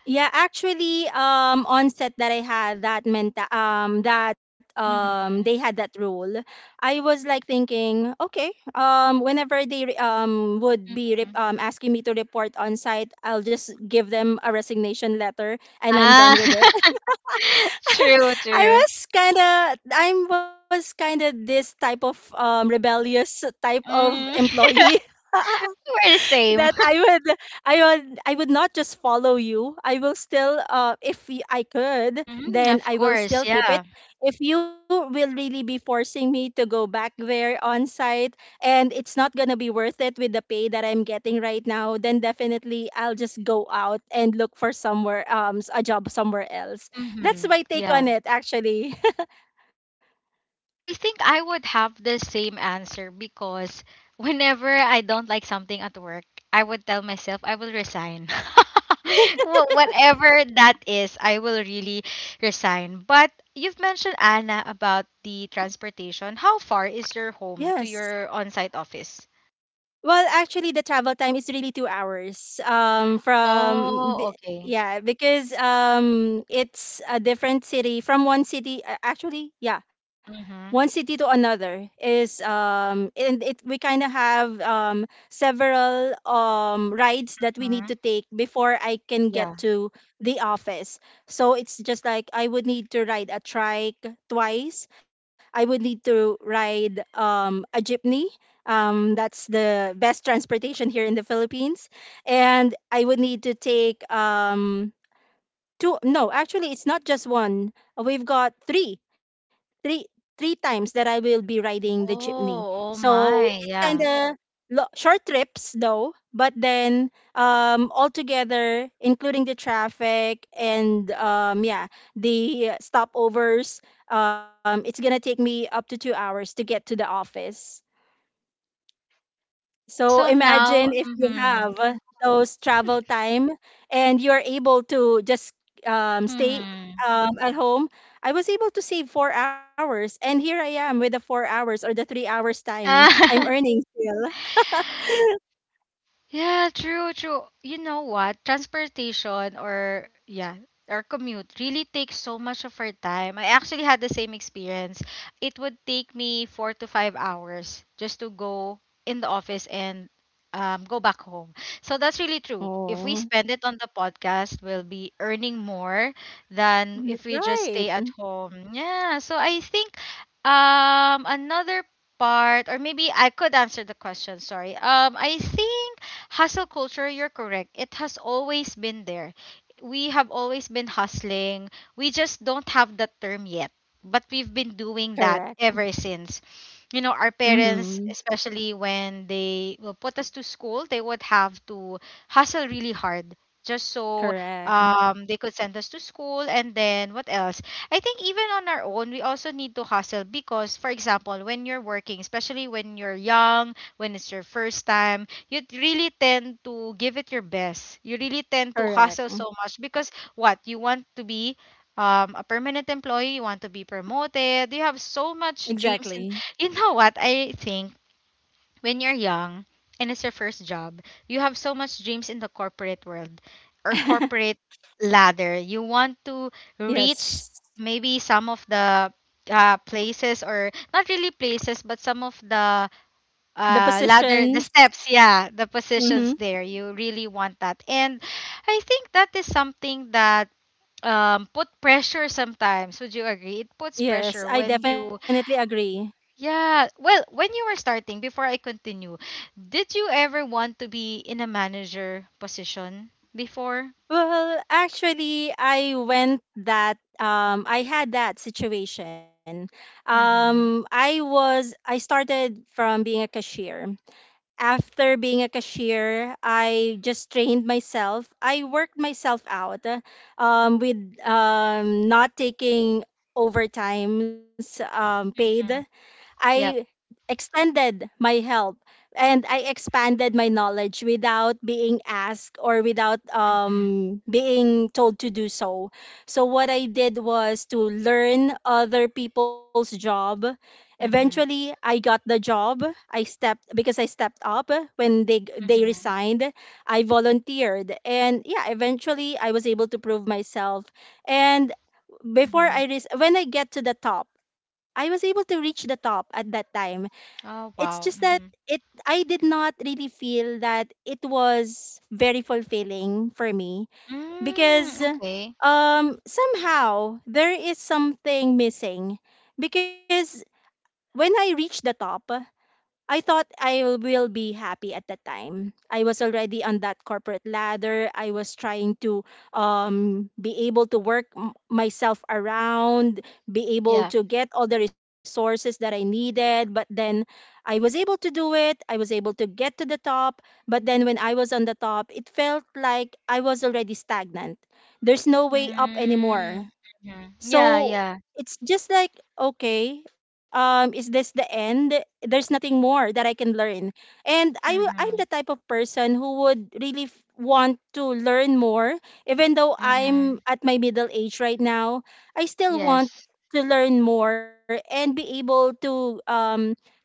Yeah, actually, on set that I had that meant, that they Mhm, had that rule. I was like thinking, okay, whenever they would be mhm. Asking me to report on site, I'll just give them a resignation letter and I'm Ah. done with it. True, I true. was kind of, this type of, rebellious type of Mm. employee. We're the That same. I would not just follow you. I will still, if y- I could, Mhm, then of I will course, still keep it. yeah. If you will really be forcing me to go back there on site, and it's not going to be worth it with the pay that I'm getting right now, then definitely I'll just go out and look for somewhere, a job somewhere else. That's Mhm, my take on yeah. it actually. I think I would have the same answer because whenever I don't like something at work, I would tell myself I will resign. Whatever that is, I will really resign. But you've mentioned, Anna, about the transportation. How far is your home to Yes. your on site office? Well, actually, the travel time is really 2 hours. Oh, okay. Yeah, because, it's a different city from one city. Actually, yeah, one Mm-hmm. city to another is, and it we kind of have, several, rides that we need Mm-hmm. to take before I can get Yeah. to the office. So it's just like I would need to ride a trike twice. I would need to ride, a jeepney. That's the best transportation here in the Philippines, and I would need to take two. No, actually, it's not just one. We've got three three times that I will be riding the jeepney. Oh, oh So my. it's kind Yeah. of short trips, though. But then, altogether, including the traffic and yeah, the stopovers, it's gonna take me up to 2 hours to get to the office. I So so imagine now. if you have Mm-hmm. those travel time and you're able to just stay Mm-hmm. At home. I was able to save 4 hours, and here I am with the 4 hours or the 3 hours time. I'm earning still. Yeah, true, true. You know what? Transportation or, yeah, or commute really takes so much of our time. I actually had the same experience. It would take me 4 to 5 hours just to go in the office and go back home. So that's really true. If we Oh. spend it on the podcast, we'll be earning more than if we just Right. stay at Mm. home. Yeah. So I think another part, or maybe I could answer the question, sorry. I think hustle culture, you're correct. It has always been there. We have always been hustling. We just don't have that term yet. But we've been doing Correct. that ever since. You know, our Mm-hmm. parents, especially when they will put us to school, they would have to hustle really hard just so Correct. They could send us to school. And then what else? I think even on our own, we also need to hustle because, for example, when you're working, especially when you're young, when it's your first time, you really tend to give it your best. You really tend to Correct. hustle Mm. so much because what you want to be a permanent employee, you want to be promoted. You have so much Exactly. dreams, and you know what? I think when you're young and it's your first job, you have so much dreams in the corporate world or corporate ladder. You want to reach Yes. maybe some of the places, or not really places, but some of the The ladder, positions. the steps, yeah, the Mm-hmm. positions there. You really want that, and I think that is something that put pressure sometimes. Would you agree it puts Yes, pressure I when definitely you agree. yeah, well, when you were starting before I continue, did you ever want to be in a manager position before? Well, actually, I had that situation. Mm-hmm. I started from being a cashier. After being a cashier, I just trained myself. I worked myself out, with not taking overtimes paid. Mm-hmm. I Yep. extended my help, and I expanded my knowledge without being asked or without Mm-hmm. Being told to do so. So, what I did was to learn other people's job. Eventually, Mm-hmm. I got the job. I stepped up when they Mm-hmm. resigned. I volunteered, and yeah, eventually I was able to prove myself. And Hmm. When I get to the top, I was able to reach the top at that time. It's Oh, just wow. that Mm-hmm. it I did not really feel that it was very fulfilling for me, because Mm, okay. Somehow there is something missing, because when I reached the top, I thought I will be happy at that time. I was already on that corporate ladder. I was trying to be able to work myself around, be able Yeah. to get all the resources that I needed. But then I was able to do it. I was able to get to the top. But then when I was on the top, it felt like I was already stagnant. There's no way up anymore. Mm, mhm. Yeah, So yeah. it's just like, okay, is this the end? There's nothing more that I can learn. I'm the Mm-hmm. type of person who would really want to learn more. Even though I'm Mm-hmm. at my middle age right now, I still want Yes. to learn more and be able to get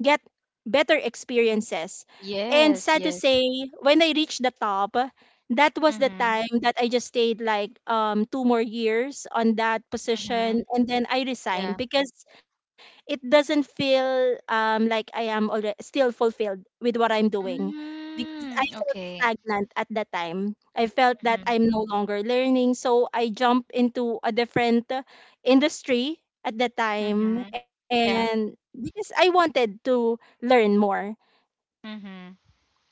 better experiences. And sad Yes, to say, yes. when I reach the top, that was the Mm-hmm. time that I just stayed like 2 more years on that Mm-hmm. position, and then I resigned Yeah. because it doesn't feel like I am already still fulfilled with what I'm doing, because I Mm, felt okay. stagnant at that time. I felt that Mm-hmm. I'm no longer learning, so I jumped into a different industry at that time, Mm-hmm. and Yeah. because I wanted to learn more. Mm-hmm.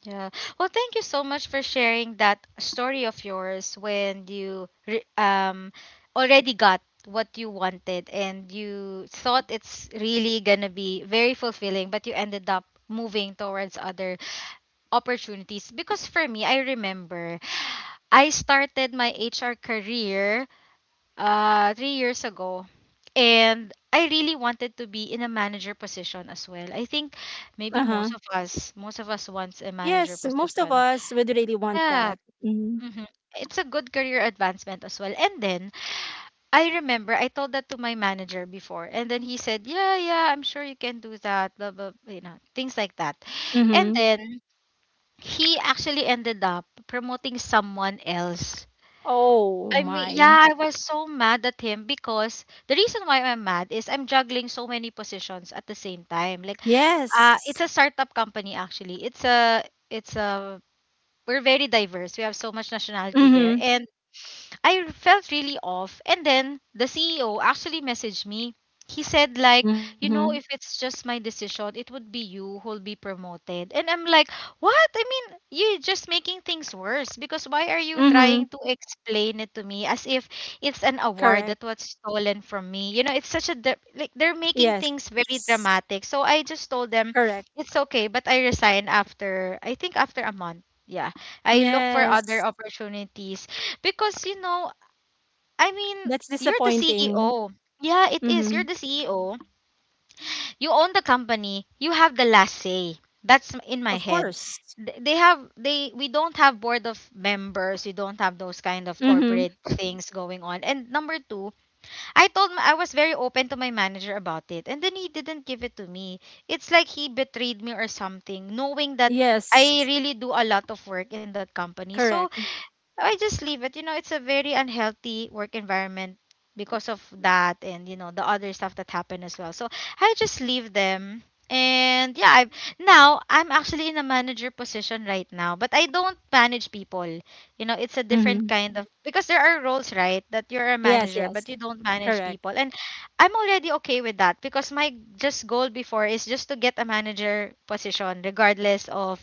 Yeah. Well, thank you so much for sharing that story of yours when you already got what you wanted and you thought it's really gonna be very fulfilling, but you ended up moving towards other opportunities because for me, I remember I started my HR career 3 years ago, and I really wanted to be in a manager position as well. I think maybe Uh-huh. most of us wants a Yes, manager most of position. us would really want Yeah. that. Mm-hmm. Mhm. It's a good career advancement, as well. And then I remember I told that to my manager before, and then he said, "Yeah, yeah, I'm sure you can do that, blah blah blah," things like that. Mhm. And then he actually ended up promoting someone else. Oh I mean, yeah, my. I was so mad at him because the reason why I'm mad is I'm juggling so many positions at the same time. Like, Yes. It's a startup company, actually. It's a we're very diverse. We have so much nationality there. Mhm. And I felt really off. And then the CEO actually messaged me. He said, like, Mhm. If it's just my decision, it would be you who'll be promoted. And I'm like, what? I mean, you're just making things worse because why are you trying Mhm. to explain it to me as if it's an award that Correct. was stolen from me? It's such a, like, they're making things Yes. very dramatic. So I just told them, Correct. it's okay, but I resigned after, I think, after a month. Yeah. I look for Yes. other opportunities. Because, I mean, That's you're the disappointing. CEO. Yeah, it is. You're Mhm. the CEO. You own the company. You have the last say. That's Of in my head. course. They have they we don't have board of members. We don't have those kind of Mhm. corporate things going on. And number two, I was very open to my manager about it, and then he didn't give it to me. It's like he betrayed me or something, knowing that Yes. I really do a lot of work in that company. So Correct. I just leave it. It's a very unhealthy work environment because of that, and the other stuff that happened as well. So I just leave them. And yeah, I've Now I'm actually in a manager position right now, but I don't manage people. It's a different Mhm. kind of because there are roles, right, that you're a Yes, manager yes. but you don't manage Correct. people. And I'm already okay with that because my just goal before is just to get a manager position regardless of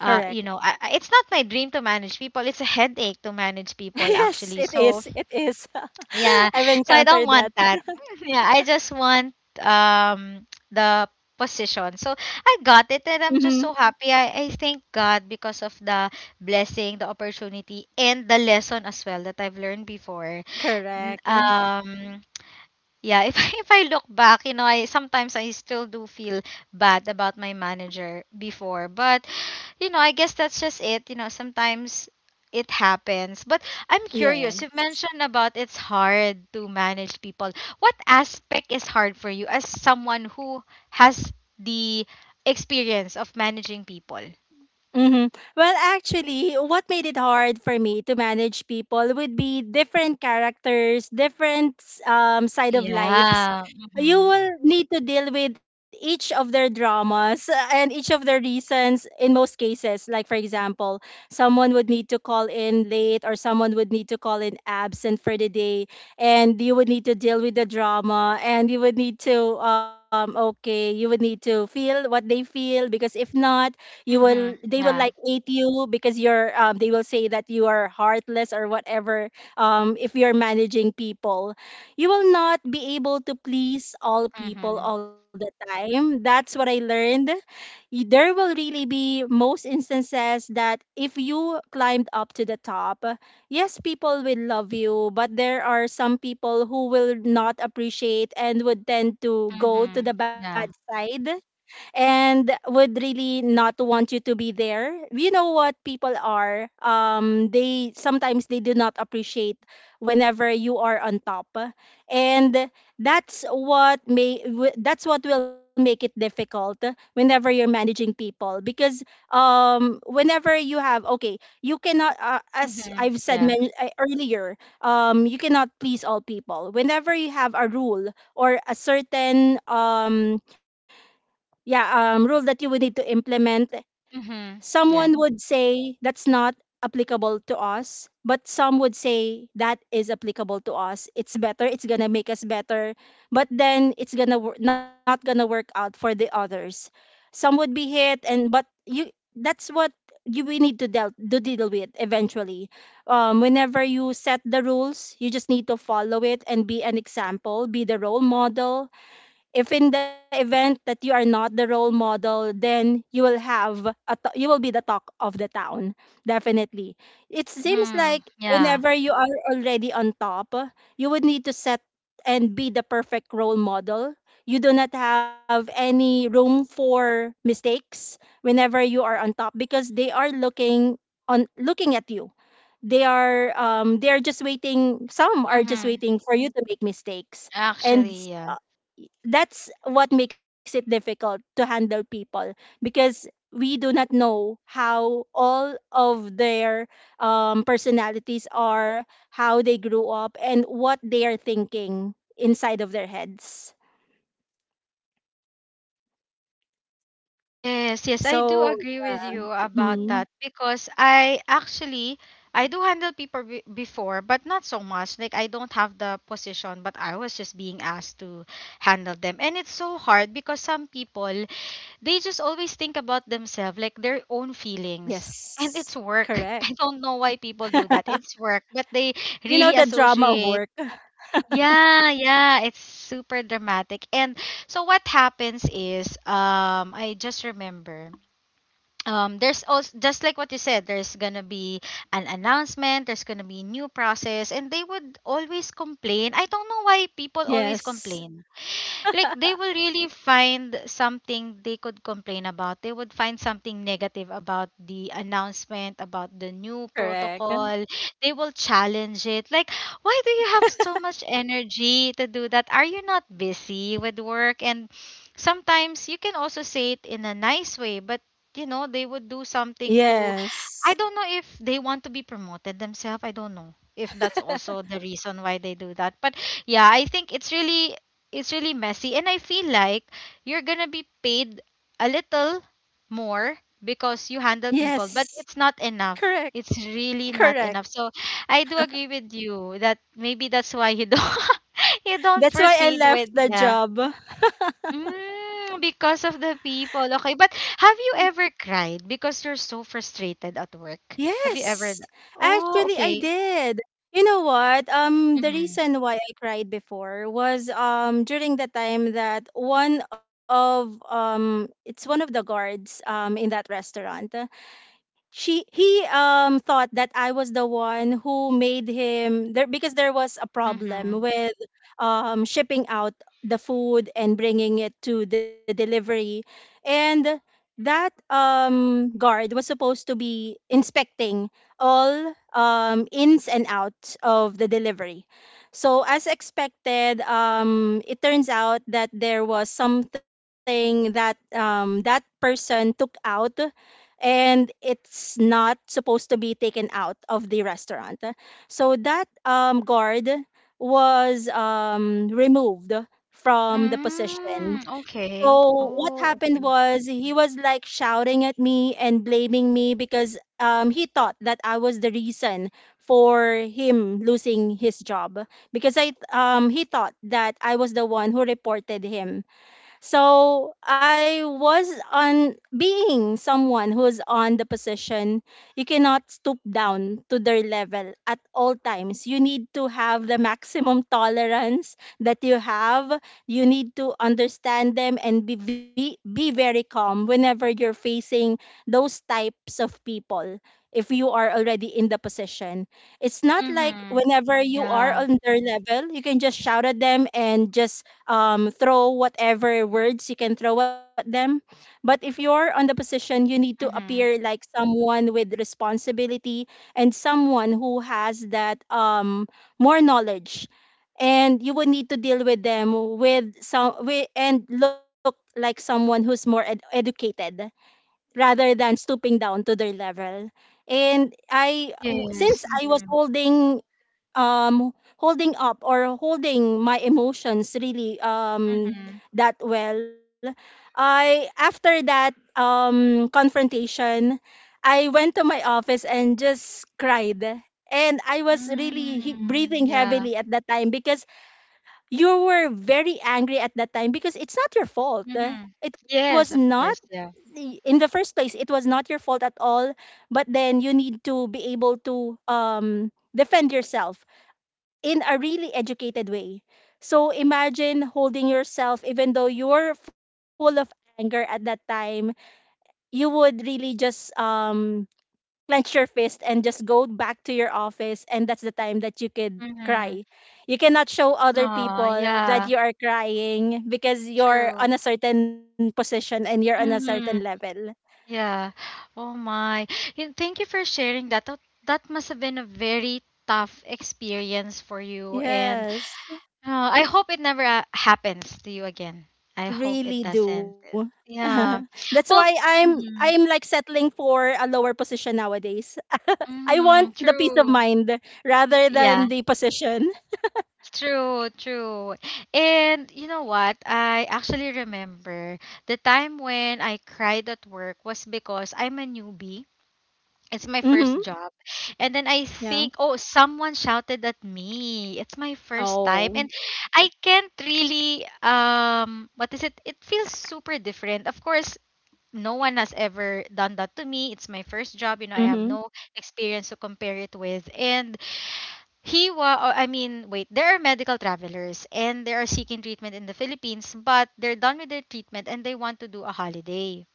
it's not my dream to manage people. It's a headache to manage people, Yes, actually. it So, is. It is. yeah. I've So I don't encountered want that. that. Yeah, I just want the position. So I got it, and I'm Mhm. just so happy. I thank God because of the blessing, the opportunity, and the lesson as well that I've learned before. N- Correct. Um, yeah, if I, if I look back, I sometimes I still do feel bad about my manager before. But I guess that's just it. You know, sometimes it happens. But I'm curious, you Yes. mentioned about it's hard to manage people. What aspect is hard for you as someone who has the experience of managing people? Mm-hmm. Well, actually, what made it hard for me to manage people would be different characters, different side of lives. Yeah. You Mhm. will need to deal with each of their dramas, and each of their reasons in most cases. Like, for example, someone would need to call in late, or someone would need to call in absent for the day. And you would need to deal with the drama, and you would need to, okay, you would need to feel what they feel, because if not, you will Mhm. they will like Yeah. hate you, because you're they will say that you are heartless or whatever. If you're managing people, you will not be able to please all people Mhm. all the time. That's what I learned. There will really be most instances that if you climbed up to the top, yes, people will love you, but there are some people who will not appreciate and would tend to go Mhm. to the bad Yeah. side and would really not want you to be there. You know what people are, they sometimes they do not appreciate whenever you are on top. And that's what will make it difficult whenever you're managing people, because whenever you have, okay, you cannot, as Mhm. I've said, Yeah. Earlier, you cannot please all people. Whenever you have a rule or a certain yeah rule that you would need to implement, Mhm. someone Yeah. would say that's not applicable to us, but some would say that is applicable to us, it's better, it's gonna make us better, but then not gonna work out for the others. Some would be hit, and but you that's what you we need to deal with eventually. Whenever you set the rules, you just need to follow it and be an example, be the role model. If in the event that you are not the role model, then you will have a t- you will be the talk of the town, definitely. It seems Mhm. like Yeah. whenever you are already on top, you would need to set and be the perfect role model. You do not have any room for mistakes whenever you are on top, because they are looking, on looking at you. They are just waiting, some are just Mhm. waiting for you to make mistakes. And Actually, yeah. that's what makes it difficult to handle people, because we do not know how all of their personalities are, how they grew up, and what they are thinking inside of their heads. Yes, yes, I do So, agree yeah. with you about that Mm, because I actually I do handle people be before, but not so much. Like, I don't have the position, but I was just being asked to handle them. And it's so hard because some people, they just always think about themselves, like their own feelings. yes, And it's work. correct. I don't know why people do that. It's work, but they You know, really the drama of associate. work. Yeah, yeah, it's super dramatic. And so what happens is, I just remember there's also just like what you said, there's going to be an announcement, there's going to be new process, and they would always complain. I don't know why people always Yes, complain. Like, they will really find something they could complain about. They would find something negative about the announcement, about the new correct. protocol. They will challenge it. Like, why do you have so much energy to do that? Are you not busy with work? And sometimes you can also say it in a nice way, but they would do something to Yes, I don't know if they want to be promoted themselves. I don't know if that's also the reason why they do that. But yeah, I think it's really messy. And I feel like you're gonna be paid a little more because you handle people, yes, but it's not enough. correct, It's really not correct. enough. So I do agree with you that maybe that's why you don't you don't That's why I proceed with, left the yeah. job. Mm, because of the people. Okay, but have you ever cried because you're so frustrated at work? Have you Yes, ever? Actually, Oh, I okay. did. You know what? The Mm-hmm. reason why I cried before was during the time that one of the guards in that restaurant, she he thought that I was the one who made him there, because there was a problem Mm-hmm. with shipping out the food and bringing it to the delivery. And that guard was supposed to be inspecting all ins and outs of the delivery. So, as expected, it turns out that there was something that that person took out, and it's not supposed to be taken out of the restaurant. So that guard was removed from the position. Mm, okay. So what Oh, happened okay. was he was like shouting at me and blaming me, because he thought that I was the reason for him losing his job, because I he thought that I was the one who reported him. So I was, on being someone who's on the position, you cannot stoop down to their level at all times. You need to have the maximum tolerance that you have. You need to understand them and be very calm whenever you're facing those types of people. If you are already in the position, it's not like Mm-hmm. whenever you are Yeah. on their level, you can just shout at them and just throw whatever words you can throw at them. But if you're on the position, you need to appear Mm-hmm. like someone with responsibility and someone who has that more knowledge. And you will need to deal with them with, and look like someone who's educated rather than stooping down to their level. Since Yes. I was Mm-hmm. holding holding up or holding my emotions really Mm-hmm. that well, I after that confrontation, I went to my office and just cried. And I was really breathing Mm, yeah. heavily at that time, because you were very angry at that time, because it's not your fault. Mm-hmm. It was Yes, of not course. Yeah. in the first place, it was not your fault at all. But then you need to be able to defend yourself in a really educated way. So imagine holding yourself, even though you're full of anger at that time, you would really just clench your fist and just go back to your office, and that's the time that you could Mm-hmm. cry. You cannot show other Oh, people that yeah. you are crying, because you're True. on a certain position and you're on a certain Mm-hmm. level. Yeah. Oh my. And thank you for sharing that. That must have been a very tough experience for you, and Yes, I hope it never happens to you again. I hope it really do. doesn't. Yeah. That's why Well. I'm Mm-hmm. like settling for a lower position nowadays. I want Mm-hmm. the peace of True. mind rather than Yeah. the position. True, true. And you know what? I actually remember the time when I cried at work was because I'm a newbie. It's my Mm-hmm. first job. And then I think, Yeah. oh, someone shouted at me. It's my first time. And Oh. I can't really what is it? It feels super different. Of course, no one has ever done that to me. It's my first job, you know, I have Mm-hmm. no experience to compare it with. And he was, I mean, wait, there are medical travelers and they are seeking treatment in the Philippines, but they're done with their treatment and they want to do a holiday.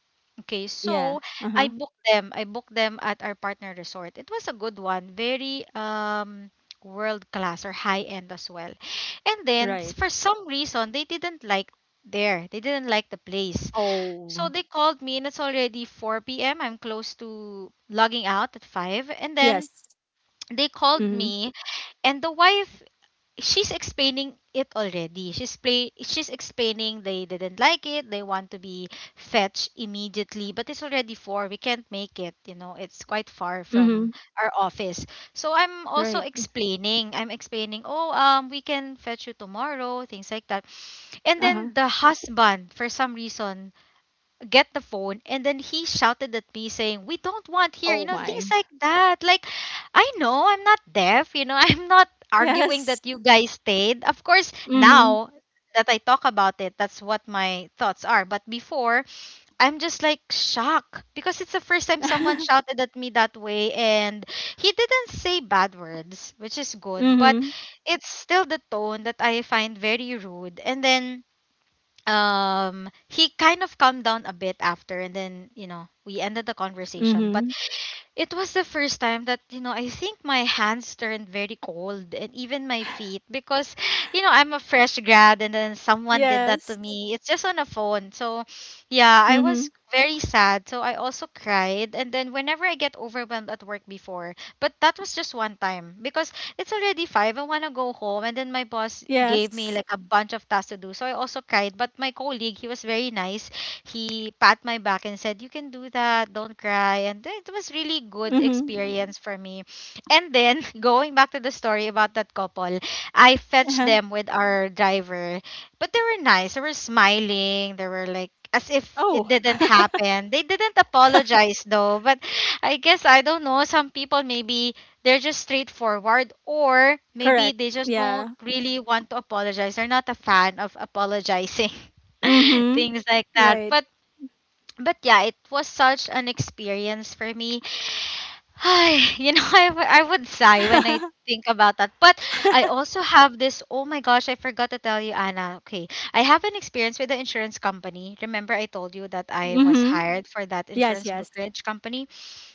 Okay, Yeah. so I Uh-huh. booked them. I booked them at our partner resort. It was a good one, very world class, or high end as well. And then for Right. some reason they didn't like there. They didn't like the place. Oh. So they called me, and it's already 4 p.m. I'm close to logging out at 5, and then Yes. they called Mm-hmm. me, and the wife, she's explaining they didn't like it, they want to be fetched immediately, but it's already four, we can't make it, you know, it's quite far from Mm-hmm. our office. So I'm also Right. Explaining, oh, we can fetch you tomorrow, things like that. And then Uh-huh. the husband for some reason get the phone, and then he shouted at me saying, "We don't want here," Oh you know, my. things like that. Like, I know, I'm not deaf, you know. I'm not arguing that Yes. you guys stayed, of course, now Mm-hmm. that I talk about it, that's what my thoughts are. But before, I'm just like shocked because it's the first time someone shouted at me that way. And he didn't say bad words, which is good, but Mm-hmm. it's still the tone that I find very rude. And then he kind of calmed down a bit after, and then you know, we ended the conversation. Mm-hmm. But it was the first time that, you know, I think my hands turned very cold, and even my feet because, you know, I'm a fresh grad and then someone did that to Yes. me. It's just on a phone. So, yeah, I Mm-hmm. was very sad. So I also cried. And then whenever I get overwhelmed at work before, but that was just one time because it's already five. I want to go home. And then my boss gave me Yes. like a bunch of tasks to do. So I also cried. But my colleague, he was very nice. He pat my back and said, "You can do that. Don't cry." And it was really good Mm-hmm. experience for me. And then going back to the story about that couple, I fetched Uh-huh. them with our driver. But they were nice. They were smiling. They were like as Oh. if it didn't happen. They didn't apologize though. But I guess I don't know. Some people maybe they're just straightforward, or Correct. maybe they just don't Yeah. really want to apologize. They're not a fan of apologizing. Mm-hmm. things like that. Right. But yeah, it was such an experience for me. you know, I would sigh when I think about that. But I also have this, oh my gosh, I forgot to tell you, Anna. Okay, I have an experience with the insurance company. Remember I told you that I was Mm-hmm. hired for that Yes, insurance yes. brokerage company?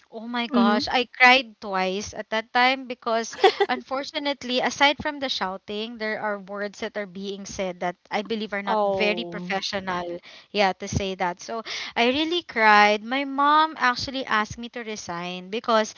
Oh my gosh, Mm-hmm. I cried twice at that time because unfortunately, aside from the shouting, there are words that are being said that I believe are not very Oh. professional. Yeah, to say that. So I really cried. My mom actually asked me to resign because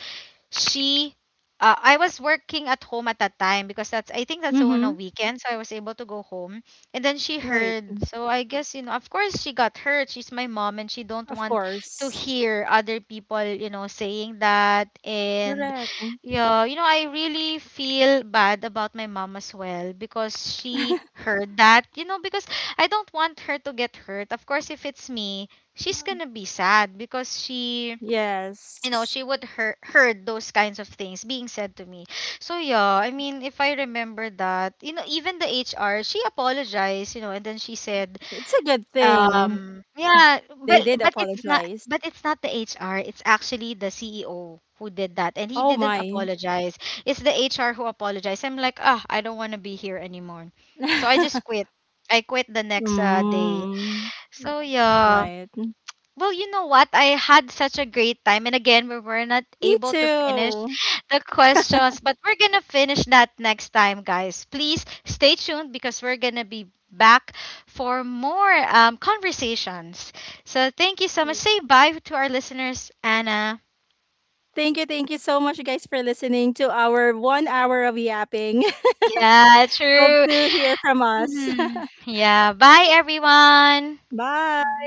she I was working at home at that time because that's I think that's on a Mm-hmm. weekend, so I was able to go home. And then she Right. heard. So I guess, you know, of course she got hurt. She's my mom and she Of don't want course. to hear other people, you know, saying that. And Correct. yeah, you know, I really feel bad about my mom as well because she heard that, you know, because I don't want her to get hurt. Of course, if it's me, Mm. she's gonna be sad because she you Yes. know she would heard those kinds of things being said to me. So yeah, I mean, if I remember that, you know, even the HR she apologized, you know, and then she said, It's a good thing yeah. they did But apologize. It's not the HR, it's actually the CEO who did that, and Oh he didn't my. apologize. It's the HR who apologized. I'm like, ah, I don't want to be here anymore. So I just quit. I quit the next day. Mm, So right. yeah. Well, you know what? I had such a great time. And again, we were not Me able to finish too. the questions, but we're going to finish that next time, guys. Please stay tuned because we're going to be back for more conversations. So thank you so much. Say bye to our listeners, Anna. Thank you so much, guys, for listening to our one hour of yapping. Yeah, Hope true. to hear from us. Mhm. Yeah, bye, everyone. Bye.